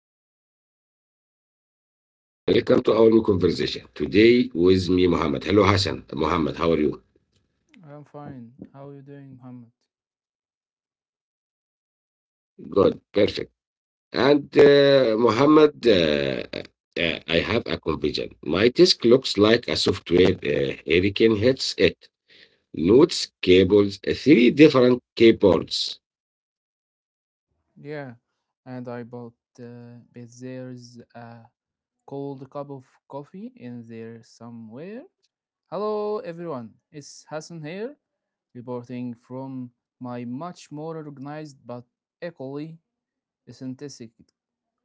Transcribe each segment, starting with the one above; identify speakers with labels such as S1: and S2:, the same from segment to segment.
S1: Hello everyone, welcome to our new conversation. Today with me Muhammad. Hello Hassan. Muhammad, how are you?
S2: I'm fine. How are you doing, Muhammad?
S1: Good, perfect. And Muhammad, I have a confusion. My desk looks like a software hurricane hits it. Notes, cables, three different keyboards.
S2: Yeah, and I bought, but there's a cold cup of coffee in there somewhere. Hello, everyone. It's Hassan here, reporting from my much more organized but equally eccentric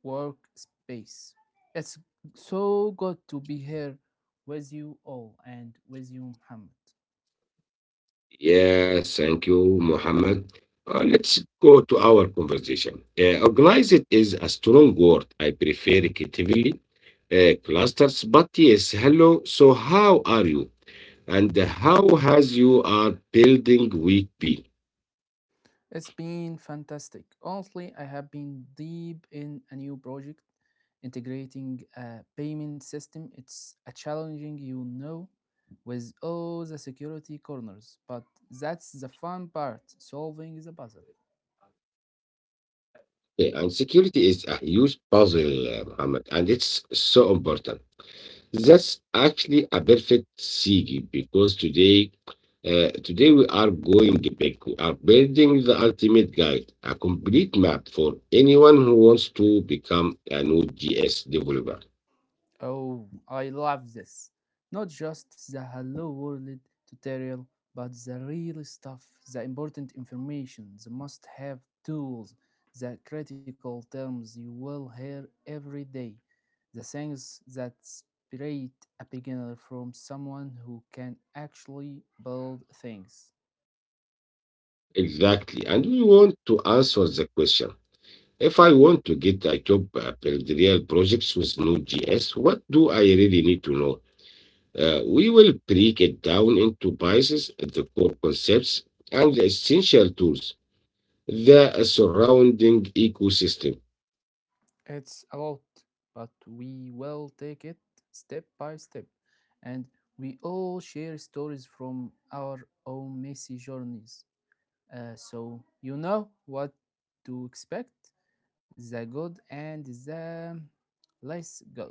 S2: workspace. It's so good to be here with you all and with you, Muhammad.
S1: Yes, thank you, Muhammad. Let's go to our conversation. Organized is a strong word. I prefer creatively clusters. But yes, hello. So how are you? And how has you are building week been?
S2: It's been fantastic. Honestly, I have been deep in a new project integrating a payment system. It's a challenging, you know, with all the security corners, but that's the fun part, solving the puzzle.
S1: Okay, and security is a huge puzzle, Muhammad, and it's so important. That's actually a perfect segue because today we are going big. We are building the ultimate guide, a complete map for anyone who wants to become a Node.js developer.
S2: Oh, I love this. Not just the hello world tutorial, but the real stuff, the important information, the must have tools, the critical terms you will hear every day. The things that separate a beginner from someone who can actually build things.
S1: Exactly. And we want to answer the question. If I want to get a job at Real projects with Node.js, what do I really need to know? We will break it down into biases, the core concepts, and the essential tools, the surrounding ecosystem.
S2: It's a lot, but we will take it step by step, and we all share stories from our own messy journeys. So you know what to expect, the good and the less good.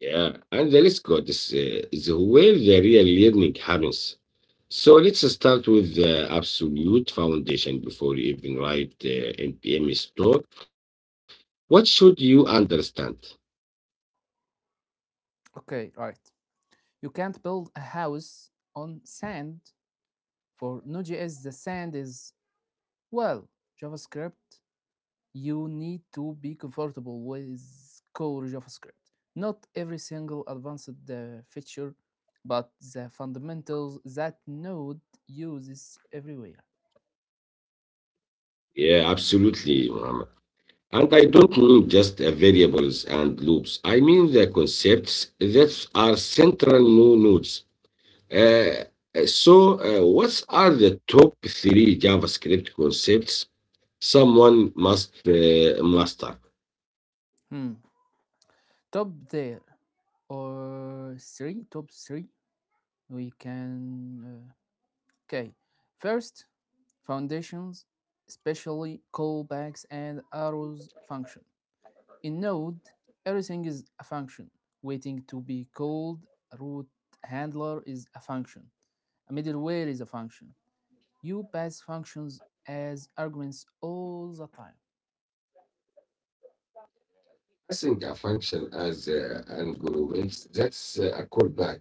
S1: Yeah, and the list code is where the real learning happens. So let's start with the absolute foundation before you even write NPM store. What should you understand?
S2: Okay, right. You can't build a house on sand. For Node.js, the sand is, well, JavaScript. You need to be comfortable with core JavaScript. Not every single advanced feature, but the fundamentals that Node uses everywhere.
S1: Yeah, absolutely, Muhammad. And I don't mean just variables and loops. I mean the concepts that are central nodes. Uh, so, what are the top three JavaScript concepts someone must master?
S2: Hmm. Top there, or three, top three, we can. Okay, first, foundations, especially callbacks and arrows function. In Node, everything is a function. Waiting to be called, a root handler is a function. A middleware is a function. You pass functions as arguments all the time.
S1: I think a function as an argument, that's a callback.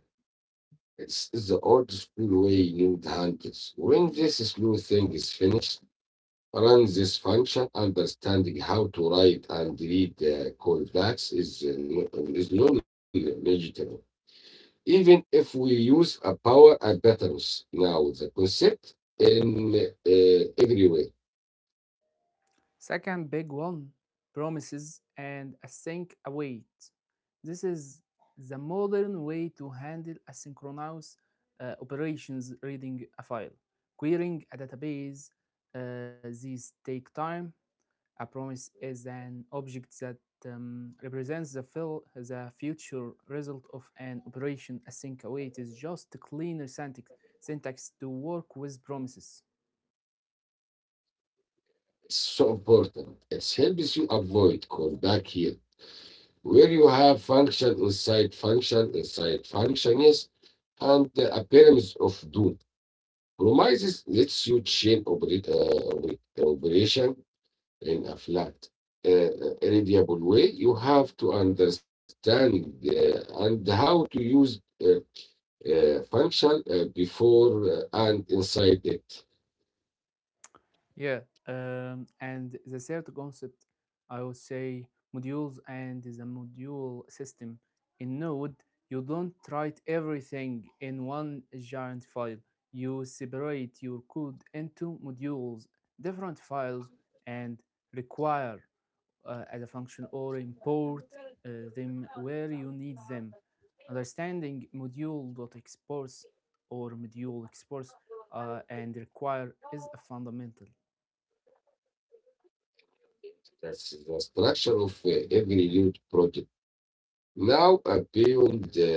S1: It's the old school way you hand it. When this slow thing is finished, run this function. Understanding how to write and read the callbacks is, is non-negotiable. Even if we use a power and patterns now, the concept in every way.
S2: Second big one, promises and async await. This is the modern way to handle asynchronous operations, reading a file, querying a database. These take time. A promise is an object that represents the future result of an operation. A async await is just a cleaner syntax to work with promises.
S1: It's so important. It helps you avoid callback here, where you have function inside function inside function, yes, and the appearance of do Promises lets you chain operate operation in a flat, irradiable way. You have to understand and how to use function before and inside it.
S2: Yeah, and the third concept, I would say modules and the module system. In Node, you don't write everything in one giant file. You separate your code into modules, different files, and require as a function, or import them where you need them. Understanding module.exports or module exports and require is a fundamental.
S1: That's the structure of every youth project. Now, beyond the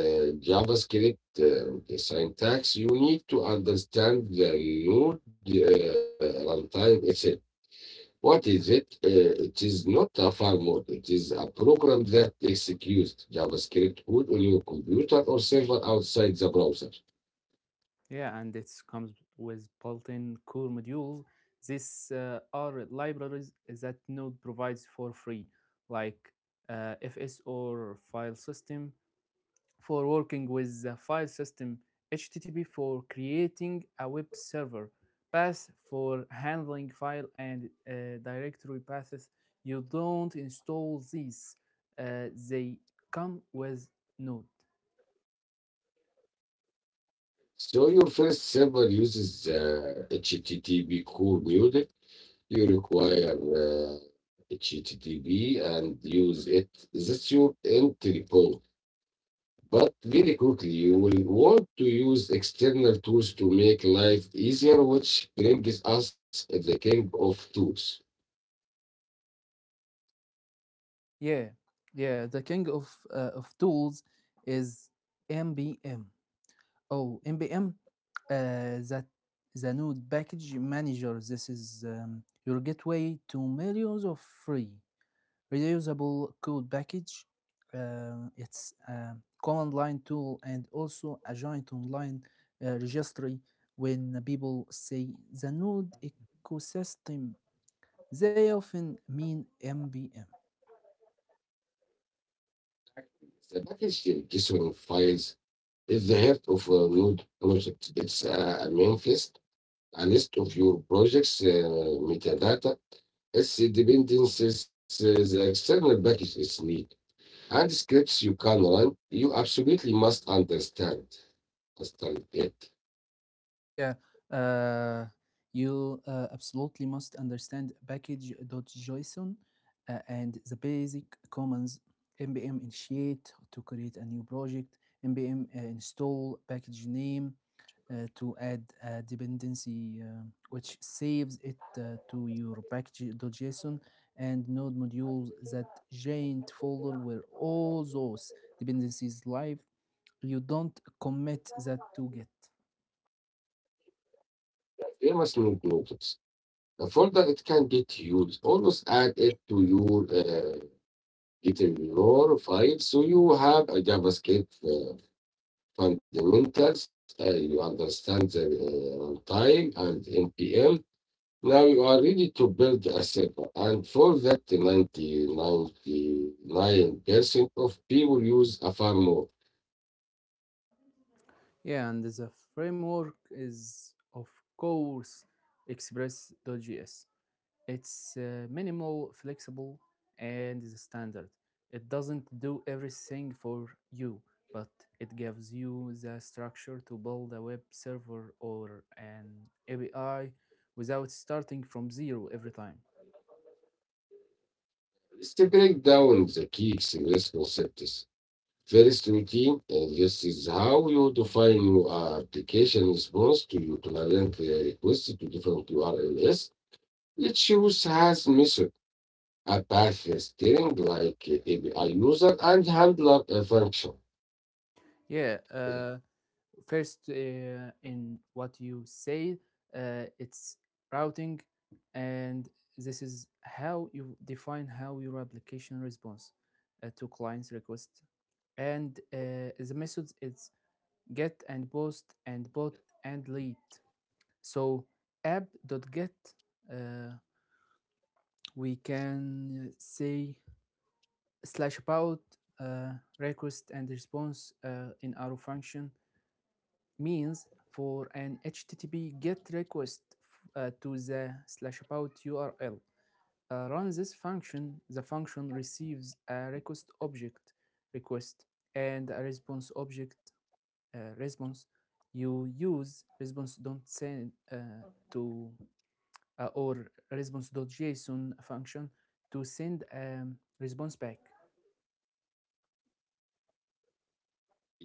S1: JavaScript the syntax, you need to understand the node runtime itself. What is it? It is not a file firmware. It is a program that executes JavaScript code on your computer or server outside the browser.
S2: Yeah, and it comes with built-in core modules. These are libraries that Node provides for free, like FS or file system for working with the file system, HTTP for creating a web server, Path for handling file and directory paths. You don't install these; they come with Node.
S1: So your first server uses the HTTP core module. You require HTTP and use it. That's your entry point. But very quickly, you will want to use external tools to make life easier, which brings us at the king of tools.
S2: Yeah, yeah. The king of of tools is MBM. Oh, MBM. That the node package manager. This is, your gateway to millions of free reusable code package. It's a command line tool and also a joint online registry. When people say the node ecosystem, they often mean MBM.
S1: The packaging JSON files is the heart of a Node project. It's a manifest, a list of your project's metadata, its dependencies, the external package is need. And scripts you can run, you absolutely must understand. Understand it.
S2: Yeah, uh, you absolutely must understand package.json and the basic commands. Npm initiate to create a new project, npm install package name to add a dependency, which saves it to your package.json and node modules, that giant folder where all those dependencies live. You don't commit that to Git.
S1: Famous note notice. The folder it can get used, always add it to your file so you have a JavaScript fundamentals, you understand the runtime and NPM, now you are ready to build a server. And for that, 90, 99% of people use a framework. More.
S2: Yeah, and the framework is, of course, Express.js. It's minimal, flexible, and is standard. It doesn't do everything for you, but it gives you the structure to build a web server or an API without starting from zero every time.
S1: Let's break down the key XLS concepts. First routine, and this is how you define your application response to your client request to different URLs. It use has method, a path string like API user and handler function.
S2: Yeah, first, in what you say, it's routing, and this is how you define how your application responds to clients' request. And the methods, it's get and post and bot and lead. So app.get, uh, we can say slash about, uh, request and response in our function, means for an HTTP GET request to the slash about URL. Run this function. The function receives a request object, request, and a response object, response. You use response don't send to or response.json function to send a response back.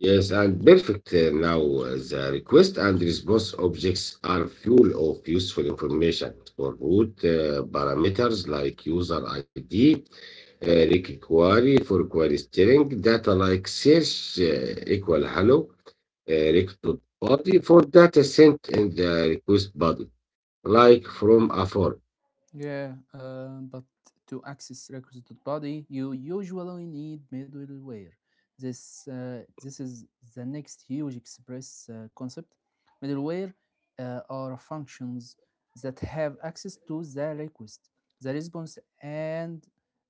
S1: Yes, and perfect. Now, the request and response objects are full of useful information for root parameters like user ID, require for query steering, data like search equal hello, rect to body for data sent in the request body, like from a form.
S2: Yeah, but to access requisite body, you usually need middleware. This is the next huge express concept. Middleware are functions that have access to the request, the response, and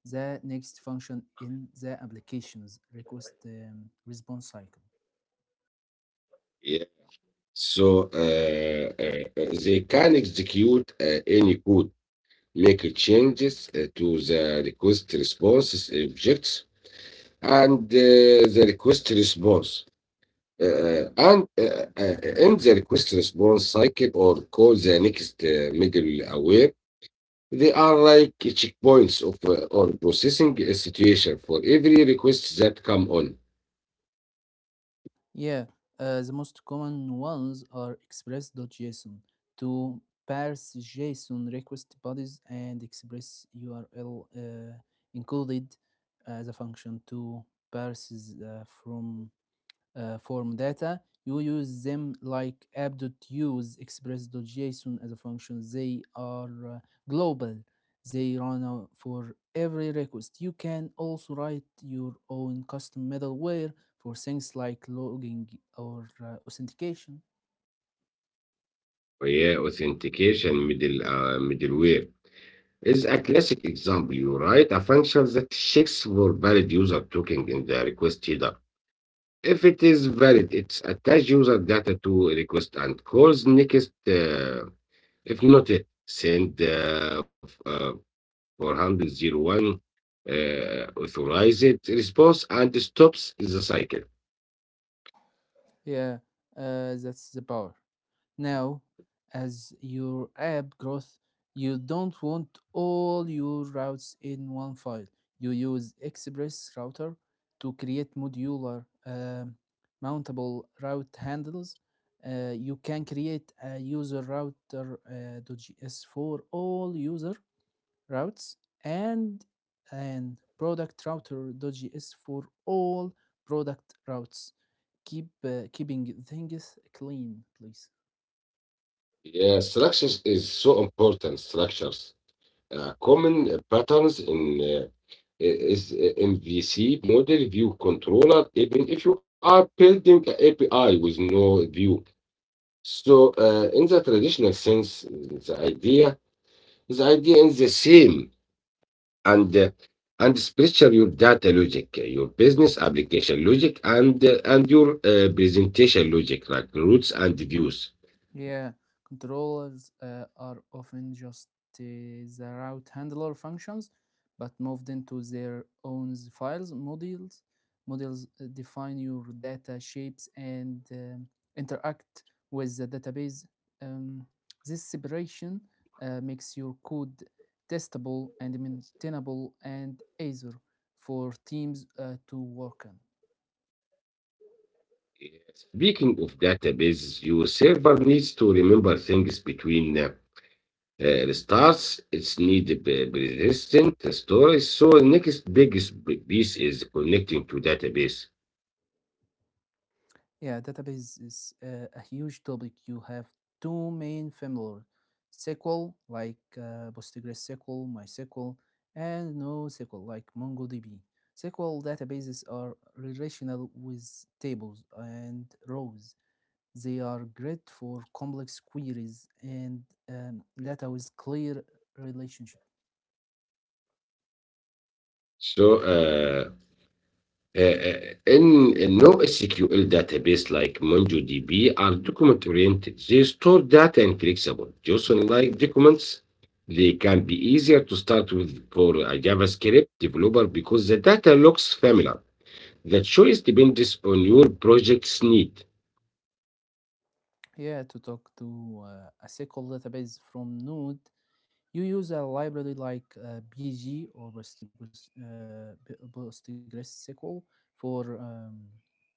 S2: the next function in the application's request response cycle.
S1: Yeah. So they can execute any code. Make changes to the request response objects and the request response and in the request response cycle or call the next middle aware they are like checkpoints of or processing a situation for every request that come on
S2: Yeah, the most common ones are express.json to parse JSON request bodies and express URL included as a function to parses from form data. You use them like app.use express.json as a function. They are global. They run for every request. You can also write your own custom middleware for things like logging or authentication.
S1: yeah authentication middleware is a classic example you write a function that checks for valid user token in the request header. If it is valid, it's attach user data to request and calls next. If not, it send 401 authorized response and stops the cycle.
S2: Yeah, that's the power. Now, as your app grows, you don't want all your routes in one file. You use Express Router to create modular, mountable route handles. You can create a user router .js for all user routes and an product router.js for all product routes. Keeping things clean, please.
S1: Yeah, structures is so important. Structures. Common patterns in is MVC model view controller, even if you are building an a API with no view. So in, the traditional sense, the idea is the same and uh, and structure your data logic, your business application logic, and your presentation logic like routes and views.
S2: Yeah, controllers are often just the route handler functions, but moved into their own files models. Models define your data shapes and interact with the database. Um, this separation makes your code testable and maintainable and easier for teams to work on.
S1: Speaking of databases, your server needs to remember things between restarts its need persistent storage. So next biggest piece is connecting to database.
S2: Yeah, database is a huge topic. You have two main familiar, SQL, like PostgreSQL, MySQL, and NoSQL, like MongoDB. SQL databases are relational with tables and rows. They are great for complex queries and data with clear relationship.
S1: So uh, uh, in NoSQL database like MongoDB are document oriented. They store data in flexible, just like documents. They can be easier to start with for a JavaScript developer because the data looks familiar. The choice depends on your project's need.
S2: Yeah, to talk to a SQL database from Node, you use a library like BG or Postgres, PostgreSQL for um,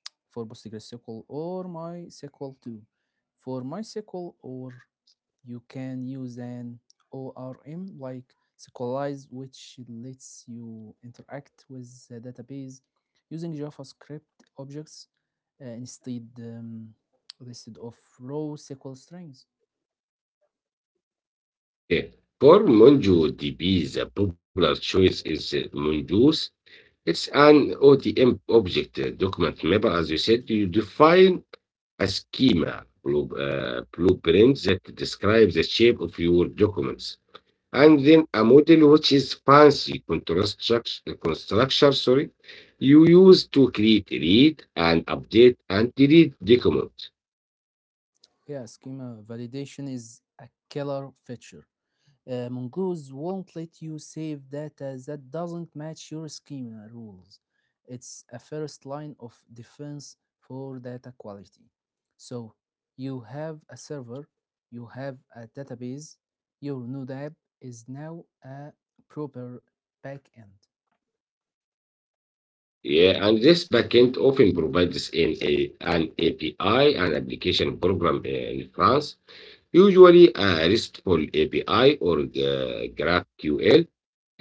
S2: for PostgreSQL or MySQL too. For MySQL, or you can use an ORM like SQLize, which lets you interact with the database using JavaScript objects uh, instead um, instead of raw SQL strings.
S1: For Monjo DB, the popular choice is Mongoose. It's an ODM object document mapper, as you said. You define a schema, blueprint that describes the shape of your documents. And then a model which is fancy contrast construction, sorry, you use to create, read, and update and delete documents.
S2: Yeah, schema validation is a killer feature. Mongoose won't let you save data that doesn't match your schema rules. It's a first line of defense for data quality. So you have a server, you have a database, your Node app is now a proper backend.
S1: Yeah, and this backend often provides an API, an application program in France, usually a RESTful API or GraphQL.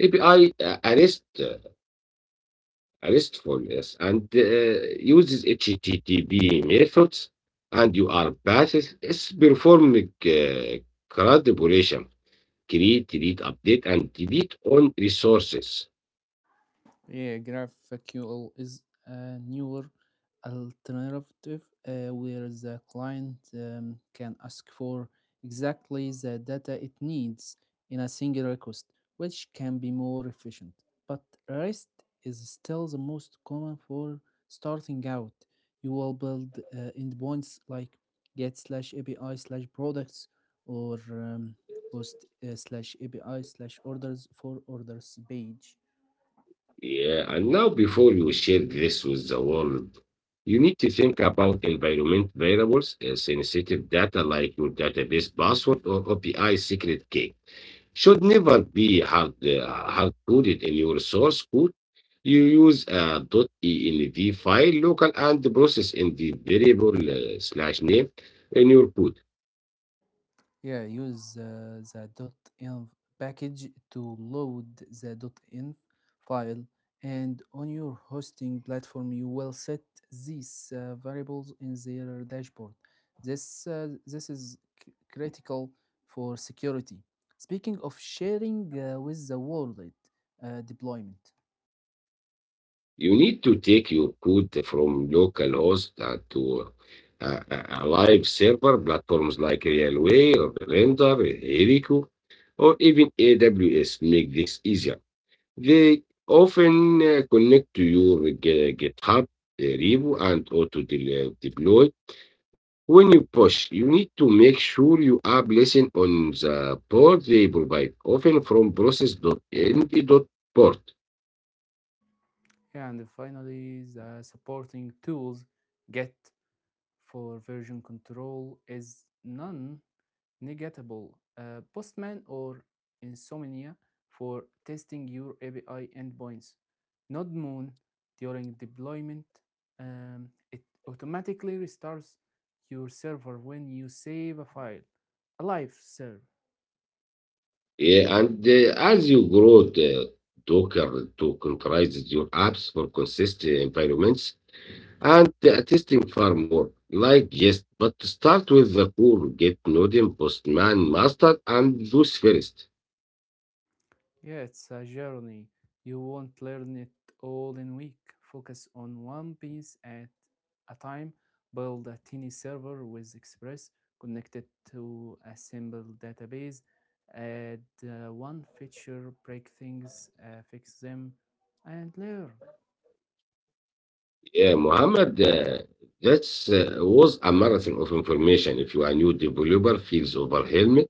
S1: API uh, a REST, uh, a RESTful, yes, and uses HTTP methods and UR paths. It's performing crud operation: create, delete, update, and delete on resources.
S2: Yeah, GraphQL is a newer alternative where the client can ask for exactly the data it needs in a single request, which can be more efficient. But REST is still the most common for starting out. You will build endpoints like get slash API slash products, or post slash API slash orders for orders page.
S1: Yeah, and now before you share this with the world, you need to think about environment variables, sensitive data like your database password or OPI secret key should never be hard coded in your source code. You use a .env file local and process in the variable slash name in your code.
S2: Yeah, use the .env package to load the .env file, and on your hosting platform, you will set these variables in their dashboard. This is critical for security. Speaking of sharing with the world, deployment.
S1: You need to take your code from localhost to a live server platforms like Railway or Render, Heroku, or even AWS make this easier. They often connect to your GitHub repo and auto deploy. When you push, you need to make sure you are listening on the port they provide, often from process. Dot n d dot Port.
S2: Yeah, and finally, the supporting tools, get for version control is none Negatable, Postman or Insomnia for testing your API endpoints. Node during deployment, it automatically restarts your server when you save a file. Alive server.
S1: Yeah, and as you grow the Docker to containerize your apps for consistent environments and testing far more like jest, but start with the core Git, Node, Postman, Master, and those first.
S2: Yeah, it's a journey. You won't learn it all in a week. Focus on one piece at a time. Build a tiny server with Express, connect it to a simple database. Add one feature, break things, fix them, and learn.
S1: Yeah, Mohammed, that was a marathon of information. If you are a new developer, feels overwhelmed.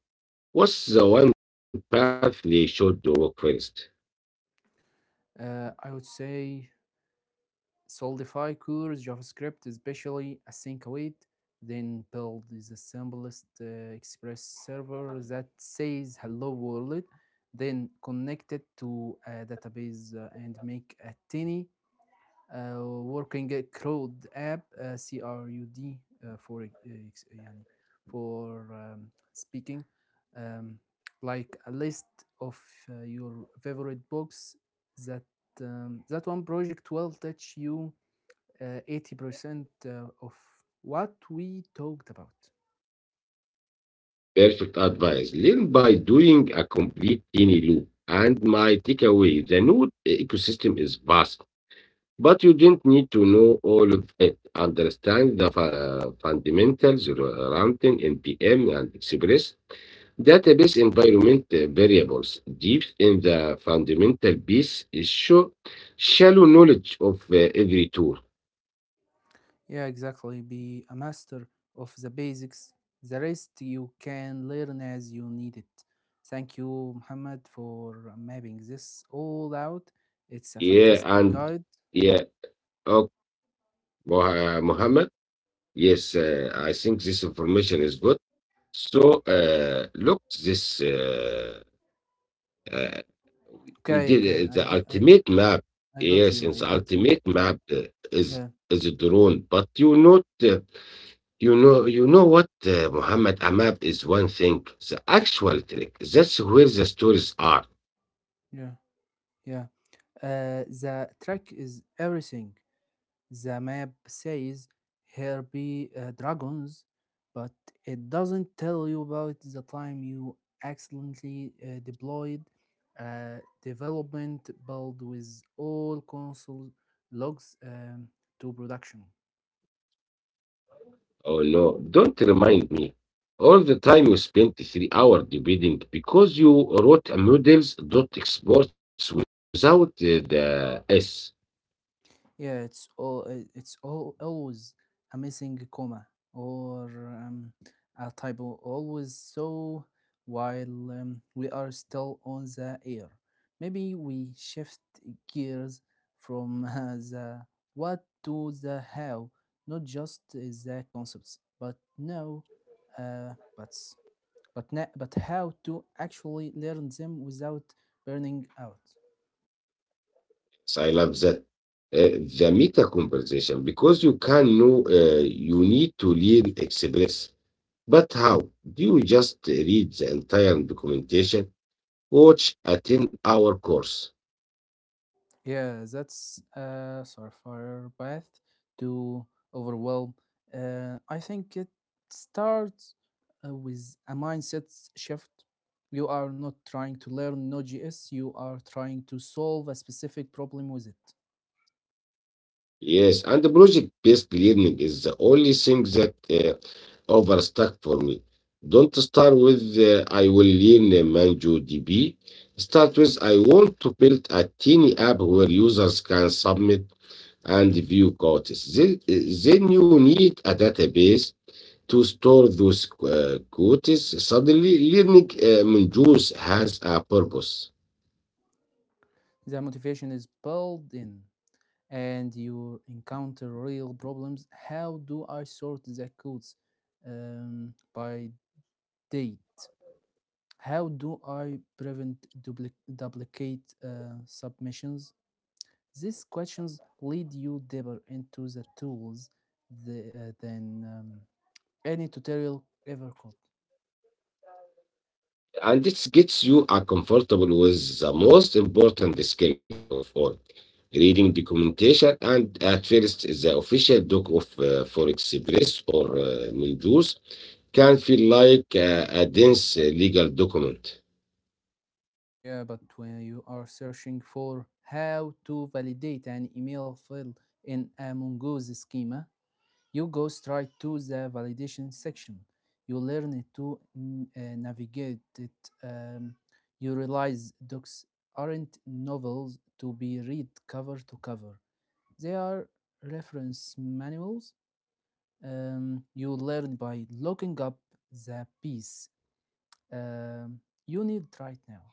S1: What's the one path they should walk first?
S2: I would say solidify cures JavaScript, especially async-await, then build the simplest express server that says hello world, then connect it to a database and make a tiny working CRUD app, CRUD for speaking, um, like a list of your favorite books. That um, that one project will touch you 80% of what we talked about.
S1: Perfect advice. Learn by doing a complete tiny loop. And my takeaway the node ecosystem is vast, but you don't need to know all of it. Understand the fundamentals around NPM and Express database environment variables deep in the fundamental piece is show shallow knowledge of every tool.
S2: Yeah, exactly. Be a master of the basics. The rest you can learn as you need it. Thank you, Muhammad, for mapping this all out. It's a
S1: Yeah,
S2: fantastic
S1: and
S2: guide.
S1: yeah, Oh, Mohammed. Yes, I think this information is good. So, look, this uh, we
S2: Okay,
S1: did
S2: okay, I
S1: the
S2: get,
S1: ultimate map.
S2: I got you,
S1: Yes, in
S2: I
S1: the
S2: got you.
S1: ultimate map uh, is
S2: Yeah,
S1: is a drone. But you know what, Muhammad, a map is one thing. The actual trick, that's where the stories are.
S2: yeah, yeah. The track is everything. The map says here be dragons, but it doesn't tell you about the time you accidentally deployed a development build with all console logs to production.
S1: Oh no, don't remind me. All the time you spent 3 hours debating because you wrote a models dot exports without the S.
S2: Yeah, it's all always a missing comma or a typo. Always. So while we are still on the air, maybe we shift gears from the what to the how, not just the concepts, but now, uh, but but na- but how to actually learn them without burning out.
S1: So I love that. The meta conversation, because you can know you need to learn Express. But how? Do you just read the entire documentation, watch a 10-hour course?
S2: Yeah, that's a surefire path to overwhelm. I think it starts with a mindset shift. You are not trying to learn Node.js, you are trying to solve a specific problem with it.
S1: Yes, and the project based learning is the only thing that overstuck for me. Don't start with I will learn MongoDB. Start with I want to build a tiny app where users can submit and view quotes. Then you need a database to store those quotes. Suddenly, learning Mongoose has a purpose,
S2: The motivation is built in. And you encounter real problems. How do I sort the codes by date? How do I prevent duplicate submissions? These questions lead you deeper into the tools than any tutorial ever could.
S1: and it gets you comfortable with the most important skills of all reading documentation and at first the official doc of for express or Mongoose can feel like a dense legal document.
S2: Yeah, but when you are searching for how to validate an email file in a Mongoose schema, you go straight to the validation section. You learn to navigate it. You realize docs aren't novels to be read cover to cover. They are reference manuals. You learn by looking up the piece um, you need right now.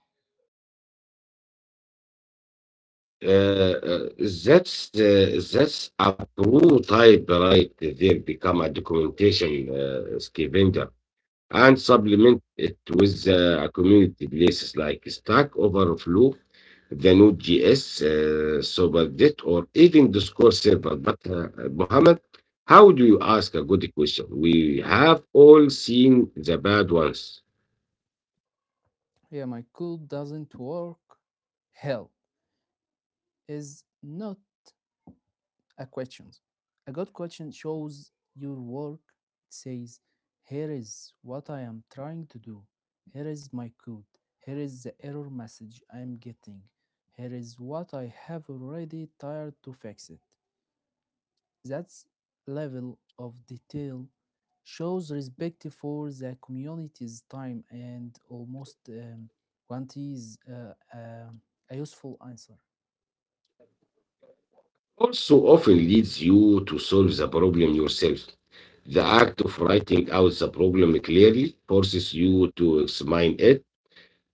S1: Uh, uh, that's a prototype right there become a documentation scavenger and supplement it with a community places like Stack Overflow, the Node.js, SuperJet, or even Discord server. But Mohammed, how do you ask a good question? We have all seen the bad ones.
S2: Yeah, my code doesn't work. Help is not a question. A good question shows your work. It says, here is what I am trying to do. Here is my code. Here is the error message I am getting. Here is what I have already tried to fix it. That level of detail shows respect for the community's time and almost guarantees a useful answer.
S1: Also often leads you to solve the problem yourself. The act of writing out the problem clearly forces you to examine it.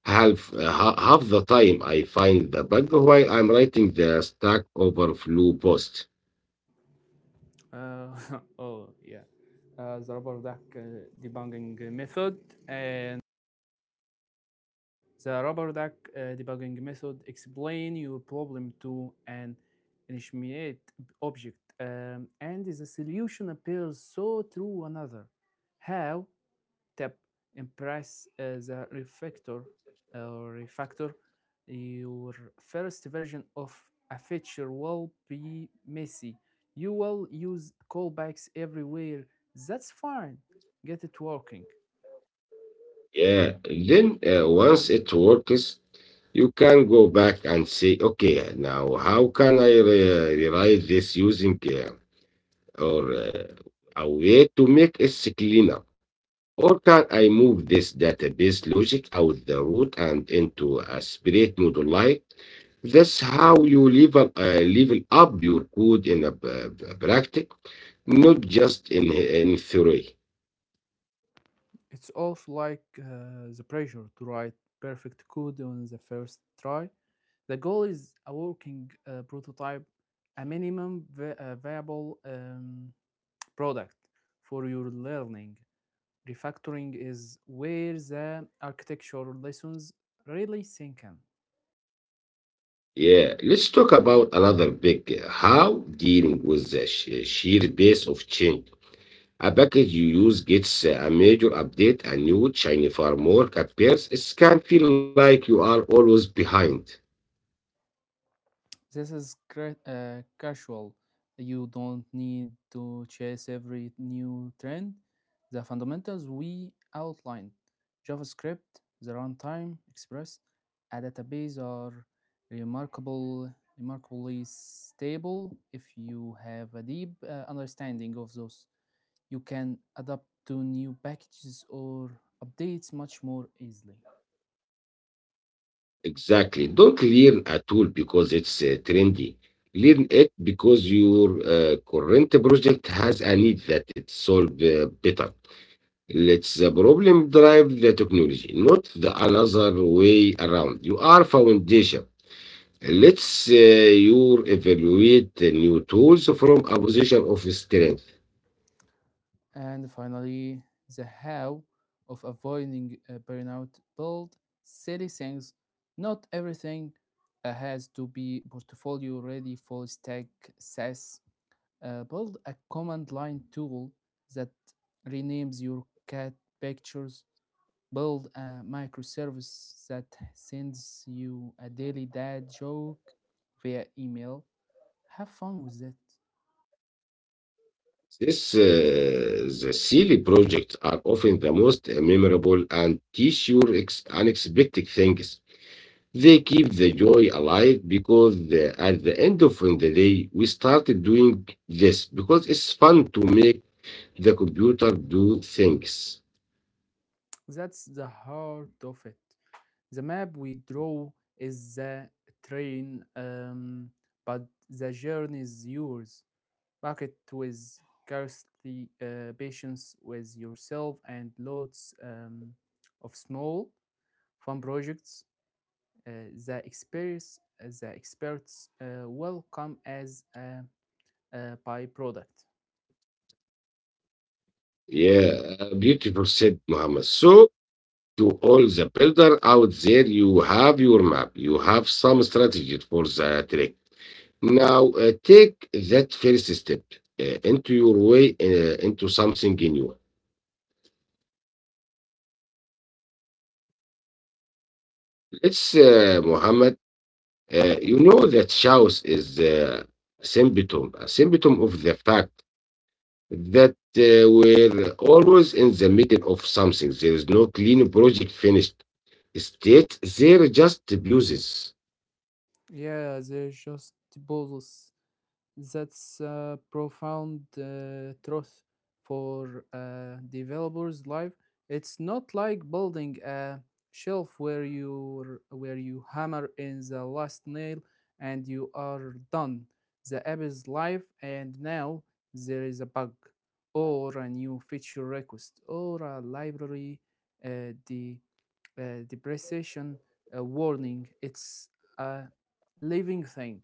S1: Half the time I find the bug while I'm writing the Stack Overflow post.
S2: Uh, oh, yeah. The rubber duck debugging method and the rubber duck debugging method, explain your problem to an initiate object and the solution appears, so through another how, tap and press the refactor or refactor your first version of a feature will be messy. You will use callbacks everywhere. That's fine. Get it working.
S1: Yeah, then once it works, you can go back and say, okay, now how can I rewrite this using or a way to make it cleaner? Or can I move this database logic out the root and into a separate module like that's how you level up your code in a practice, not just in theory.
S2: It's also like the pressure to write perfect code on the first try. The goal is a working prototype, a minimum viable product for your learning. Refactoring is where the architecture lessons really sink in.
S1: Yeah, let's talk about another big how dealing with the sheer pace of change. A package you use gets a major update, a new shiny framework appears. It can feel like you are always behind.
S2: This is casual. You don't need to chase every new trend. The fundamentals we outlined, JavaScript, the runtime, Express, a database, are remarkably stable. If you have a deep understanding of those, you can adapt to new packages or updates much more easily.
S1: Exactly. Don't learn a tool because it's trendy. Learn it because your current project has a need that it solve better. Let's the problem drive the technology, not the another way around. You are foundation. Let's you evaluate the new tools from a position of strength.
S2: And finally, the how of avoiding a burnout, build silly things. Not everything has to be portfolio ready full stack SaaS. Build a command line tool that renames your cat pictures. Build a microservice that sends you a daily dad joke via email. Have fun with that.
S1: The silly projects are often the most memorable and teach you unexpected things. They keep the joy alive because at the end of the day, we started doing this because it's fun to make the computer do things.
S2: That's the heart of it. The map we draw is the train, but the journey is yours. Bucket with scarcely patience with yourself and lots of small fun projects. The the experts will come as a byproduct.
S1: Yeah, beautiful said Muhammad. So, to all the builder out there, you have your map, you have some strategy for the trick. Now, take that first step into your way, into something new. Let's, Muhammad, you know that Chaos is a symptom of the fact that we're always in the middle of something. There is no clean project finished state. There are just abuses.
S2: Yeah, they're just puzzles. That's a profound truth for a developer's life. It's not like building a shelf where you hammer in the last nail and you are done. The app is live, and now there is a bug, or a new feature request, or a library the depreciation warning. It's a living thing.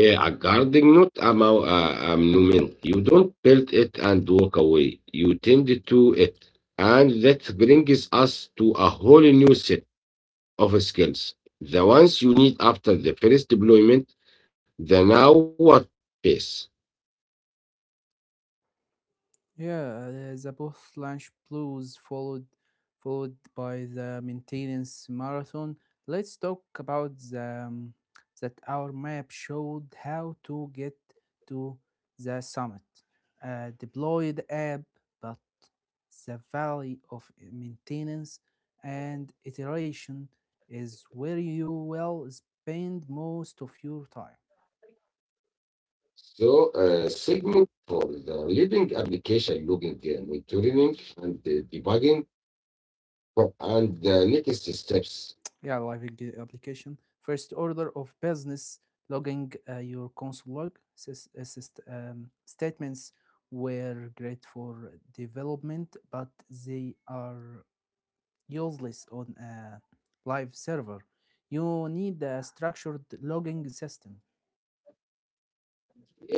S1: Yeah, a garden, not a, a monument. You don't build it and walk away. You tend to it. And that brings us to a whole new set of skills. The ones you need after the first deployment, the now what phase.
S2: Yeah, the post lunch blues followed by the maintenance marathon. Let's talk about the that our map showed how to get to the summit. Deploy the app, but the valley of maintenance and iteration is where you will spend most of your time.
S1: So segment for the leading application logging, monitoring, and debugging. And the next steps
S2: Yeah, application. First order of business, logging your console log statements were great for development, but they are useless on a live server. You need a structured logging system.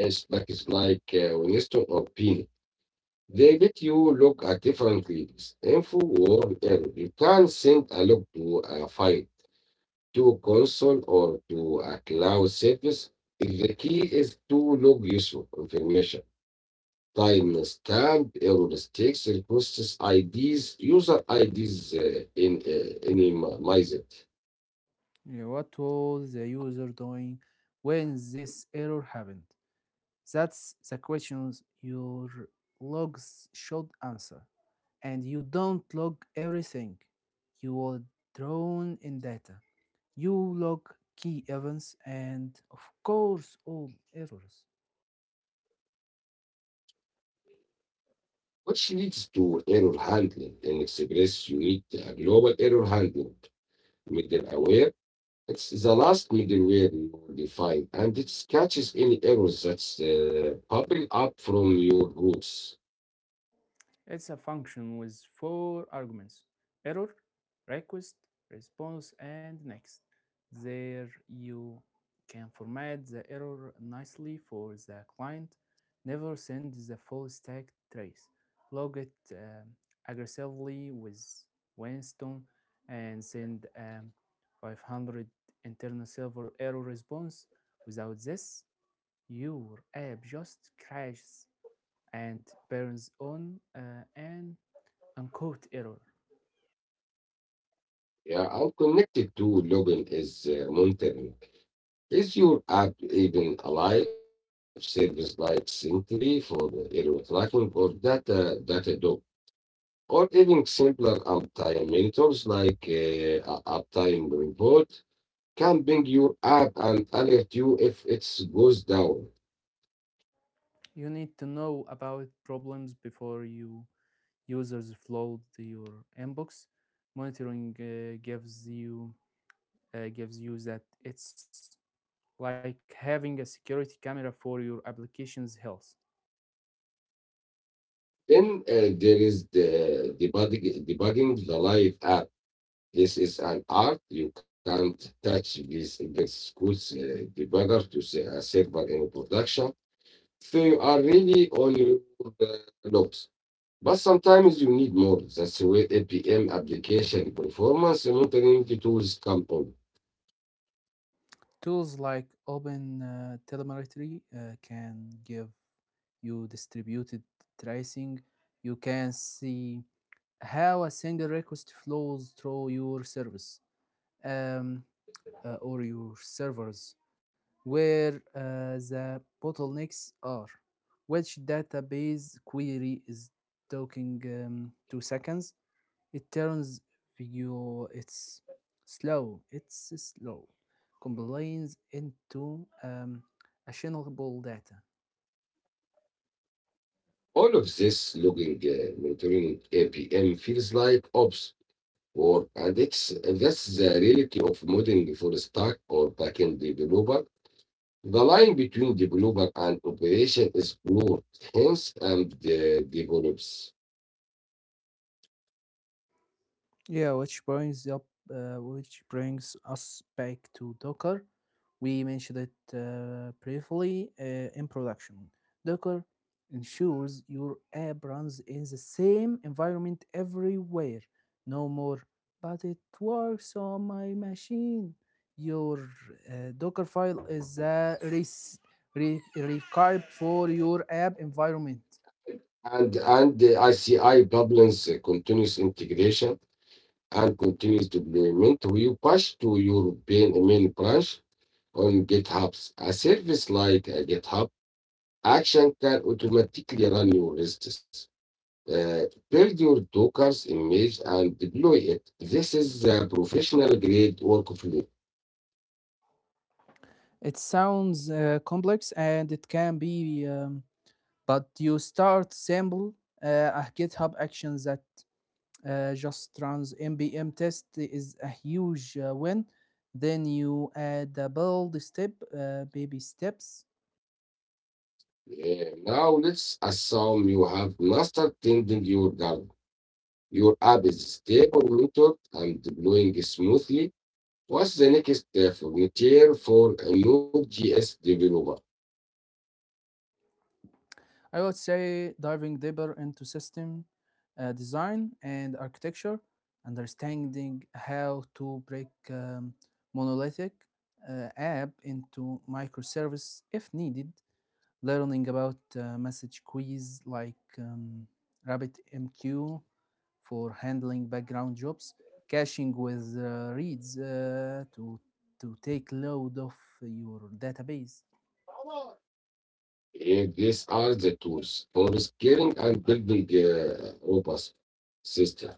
S1: is like, is like Winston or Pini. They get you look at different leads, info or error. You can send a log to a file, to console, or to a cloud service. The key is to log useful information. Timestamp, heuristics, requests IDs, user IDs in anonymize it.
S2: Yeah, what was the user doing when this error happened? That's the questions your logs should answer. And you don't log everything. You will drown in data. You log key events and, of course, all errors.
S1: Which leads to error handling. In express you need a global error handling middleware. It's the last middleware you define, and it catches any errors that's bubble up from your roots.
S2: It's a function with four arguments, error, request, response, and next. There you can format the error nicely for the client, never send the full stack trace, log it aggressively with Winston, and send a 500 internal server error response. Without this, your app just crashes and burns on an Unquote error.
S1: Yeah, I'm connected to login is monitoring. Is your app even alive? Service like Sentry for the error tracking or data dog, or even simpler uptime monitors like uptime report can bring your app and alert you if it goes down.
S2: You need to know about problems before you users flood your inbox. Monitoring gives you that. It's like having a security camera for your application's health.
S1: Then there is the debugging, debugging the live app. This is an art. You can't touch this index goods debugger to say a server in production. So you are really on your uh, logs. But sometimes you need more. That's where APM application performance monitoring tools come on.
S2: Tools like Open Telemetry can give you distributed tracing. You can see how a single request flows through your service um, or your servers, where the bottlenecks are, which database query is taking 2 seconds. It turns view it's it's slow, combines into actionable data.
S1: All of this logging monitoring APM feels like ops or and it's that's the reality of modeling for stack or backend developer. The line between developer and operation is blurred, hence and the develops.
S2: Yeah, which brings us back to Docker. We mentioned it briefly in production. Docker ensures your app runs in the same environment everywhere, no more "but it works on my machine." Your Docker file is a re- required for your app environment.
S1: And the ICI problems continuous integration and continuous deployment you push to your main branch on GitHub, a service like GitHub Action can automatically run your risks. Uh, Build your Docker's image and deploy it. This is a professional grade workflow.
S2: It sounds complex and it can be, but you start simple. A GitHub action that just runs npm test is a huge win. Then you add the build step, baby steps.
S1: Now let's assume you have mastered tending your garden. Your app is stable, monitored, and deploying smoothly. What's the next frontier for a Node.js developer?
S2: I would say diving deeper into system design and architecture, understanding how to break monolithic app into microservice if needed, learning about message queues like RabbitMQ for handling background jobs, caching with reads to take load off your database.
S1: These are the tools for scaling and building a robust system.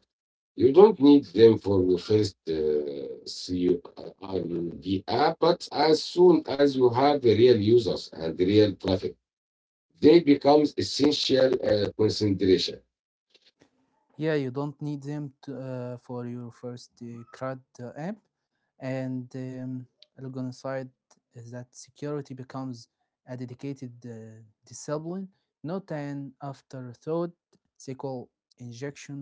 S1: You don't need them for the first CRUD app, but as soon as you have the real users and the real traffic, they become essential consideration.
S2: Yeah, you don't need them for your first CRUD app, and Logon, that security becomes a dedicated discipline, not an afterthought. SQL injection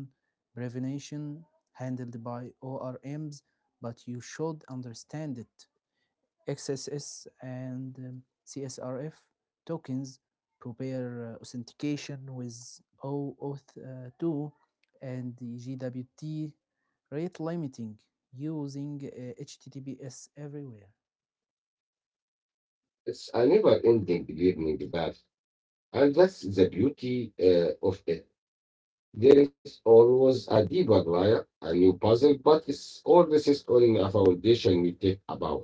S2: prevention handled by ORMs, but you should understand it. XSS and CSRF tokens, prepare authentication with O Auth 2 and the GWT, rate limiting, using HTTPS everywhere.
S1: It's a never-ending learning path, and that's the beauty of it. There is always a deeper layer, a new puzzle, but it's all this is on a foundation we take about.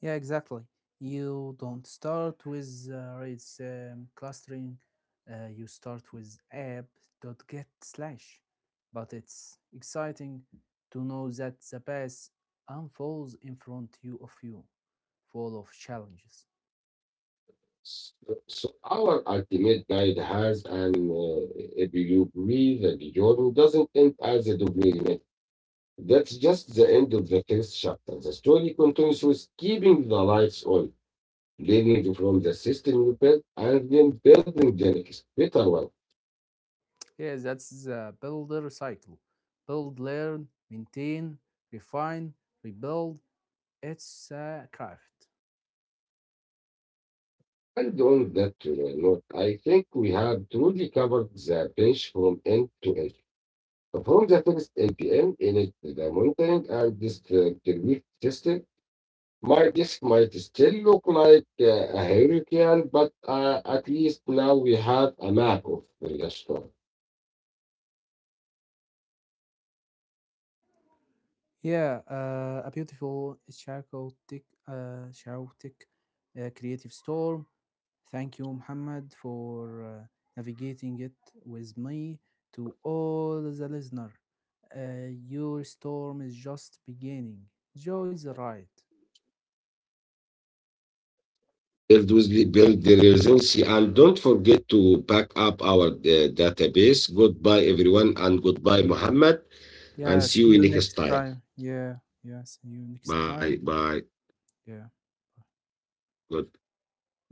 S2: Yeah, exactly. You don't start with rates clustering. You start with app.get slash. But it's exciting to know that the path unfolds in front you of you, full of challenges.
S1: So, so, our ultimate guide has an a Bjorn doesn't end as a documentary. That's just the end of the first chapter. The story continues with keeping the lights on, learning from the system you built, and then building the next better one.
S2: Yeah, that's the builder cycle. Build, learn, maintain, refine, rebuild. It's a craft.
S1: And on that note, I think we have truly covered the bench from end to end. From the first NPM in it, the monitoring and distributed system. My disk might still look like a hurricane, but at least now we have a map of the storm.
S2: Yeah, a beautiful chaotic creative storm. Thank you, Muhammad, for navigating it with me. To all the listener, your storm is just beginning. Joy the ride.
S1: Build the resiliency and don't forget to back up our database. Goodbye, everyone, and goodbye, Muhammad, and
S2: Yeah,
S1: see
S2: see
S1: you
S2: you
S1: next
S2: next
S1: time.
S2: time. Yeah, yeah, see you next
S1: Bye,
S2: time.
S1: bye,
S2: Yeah.
S1: good, goodbye.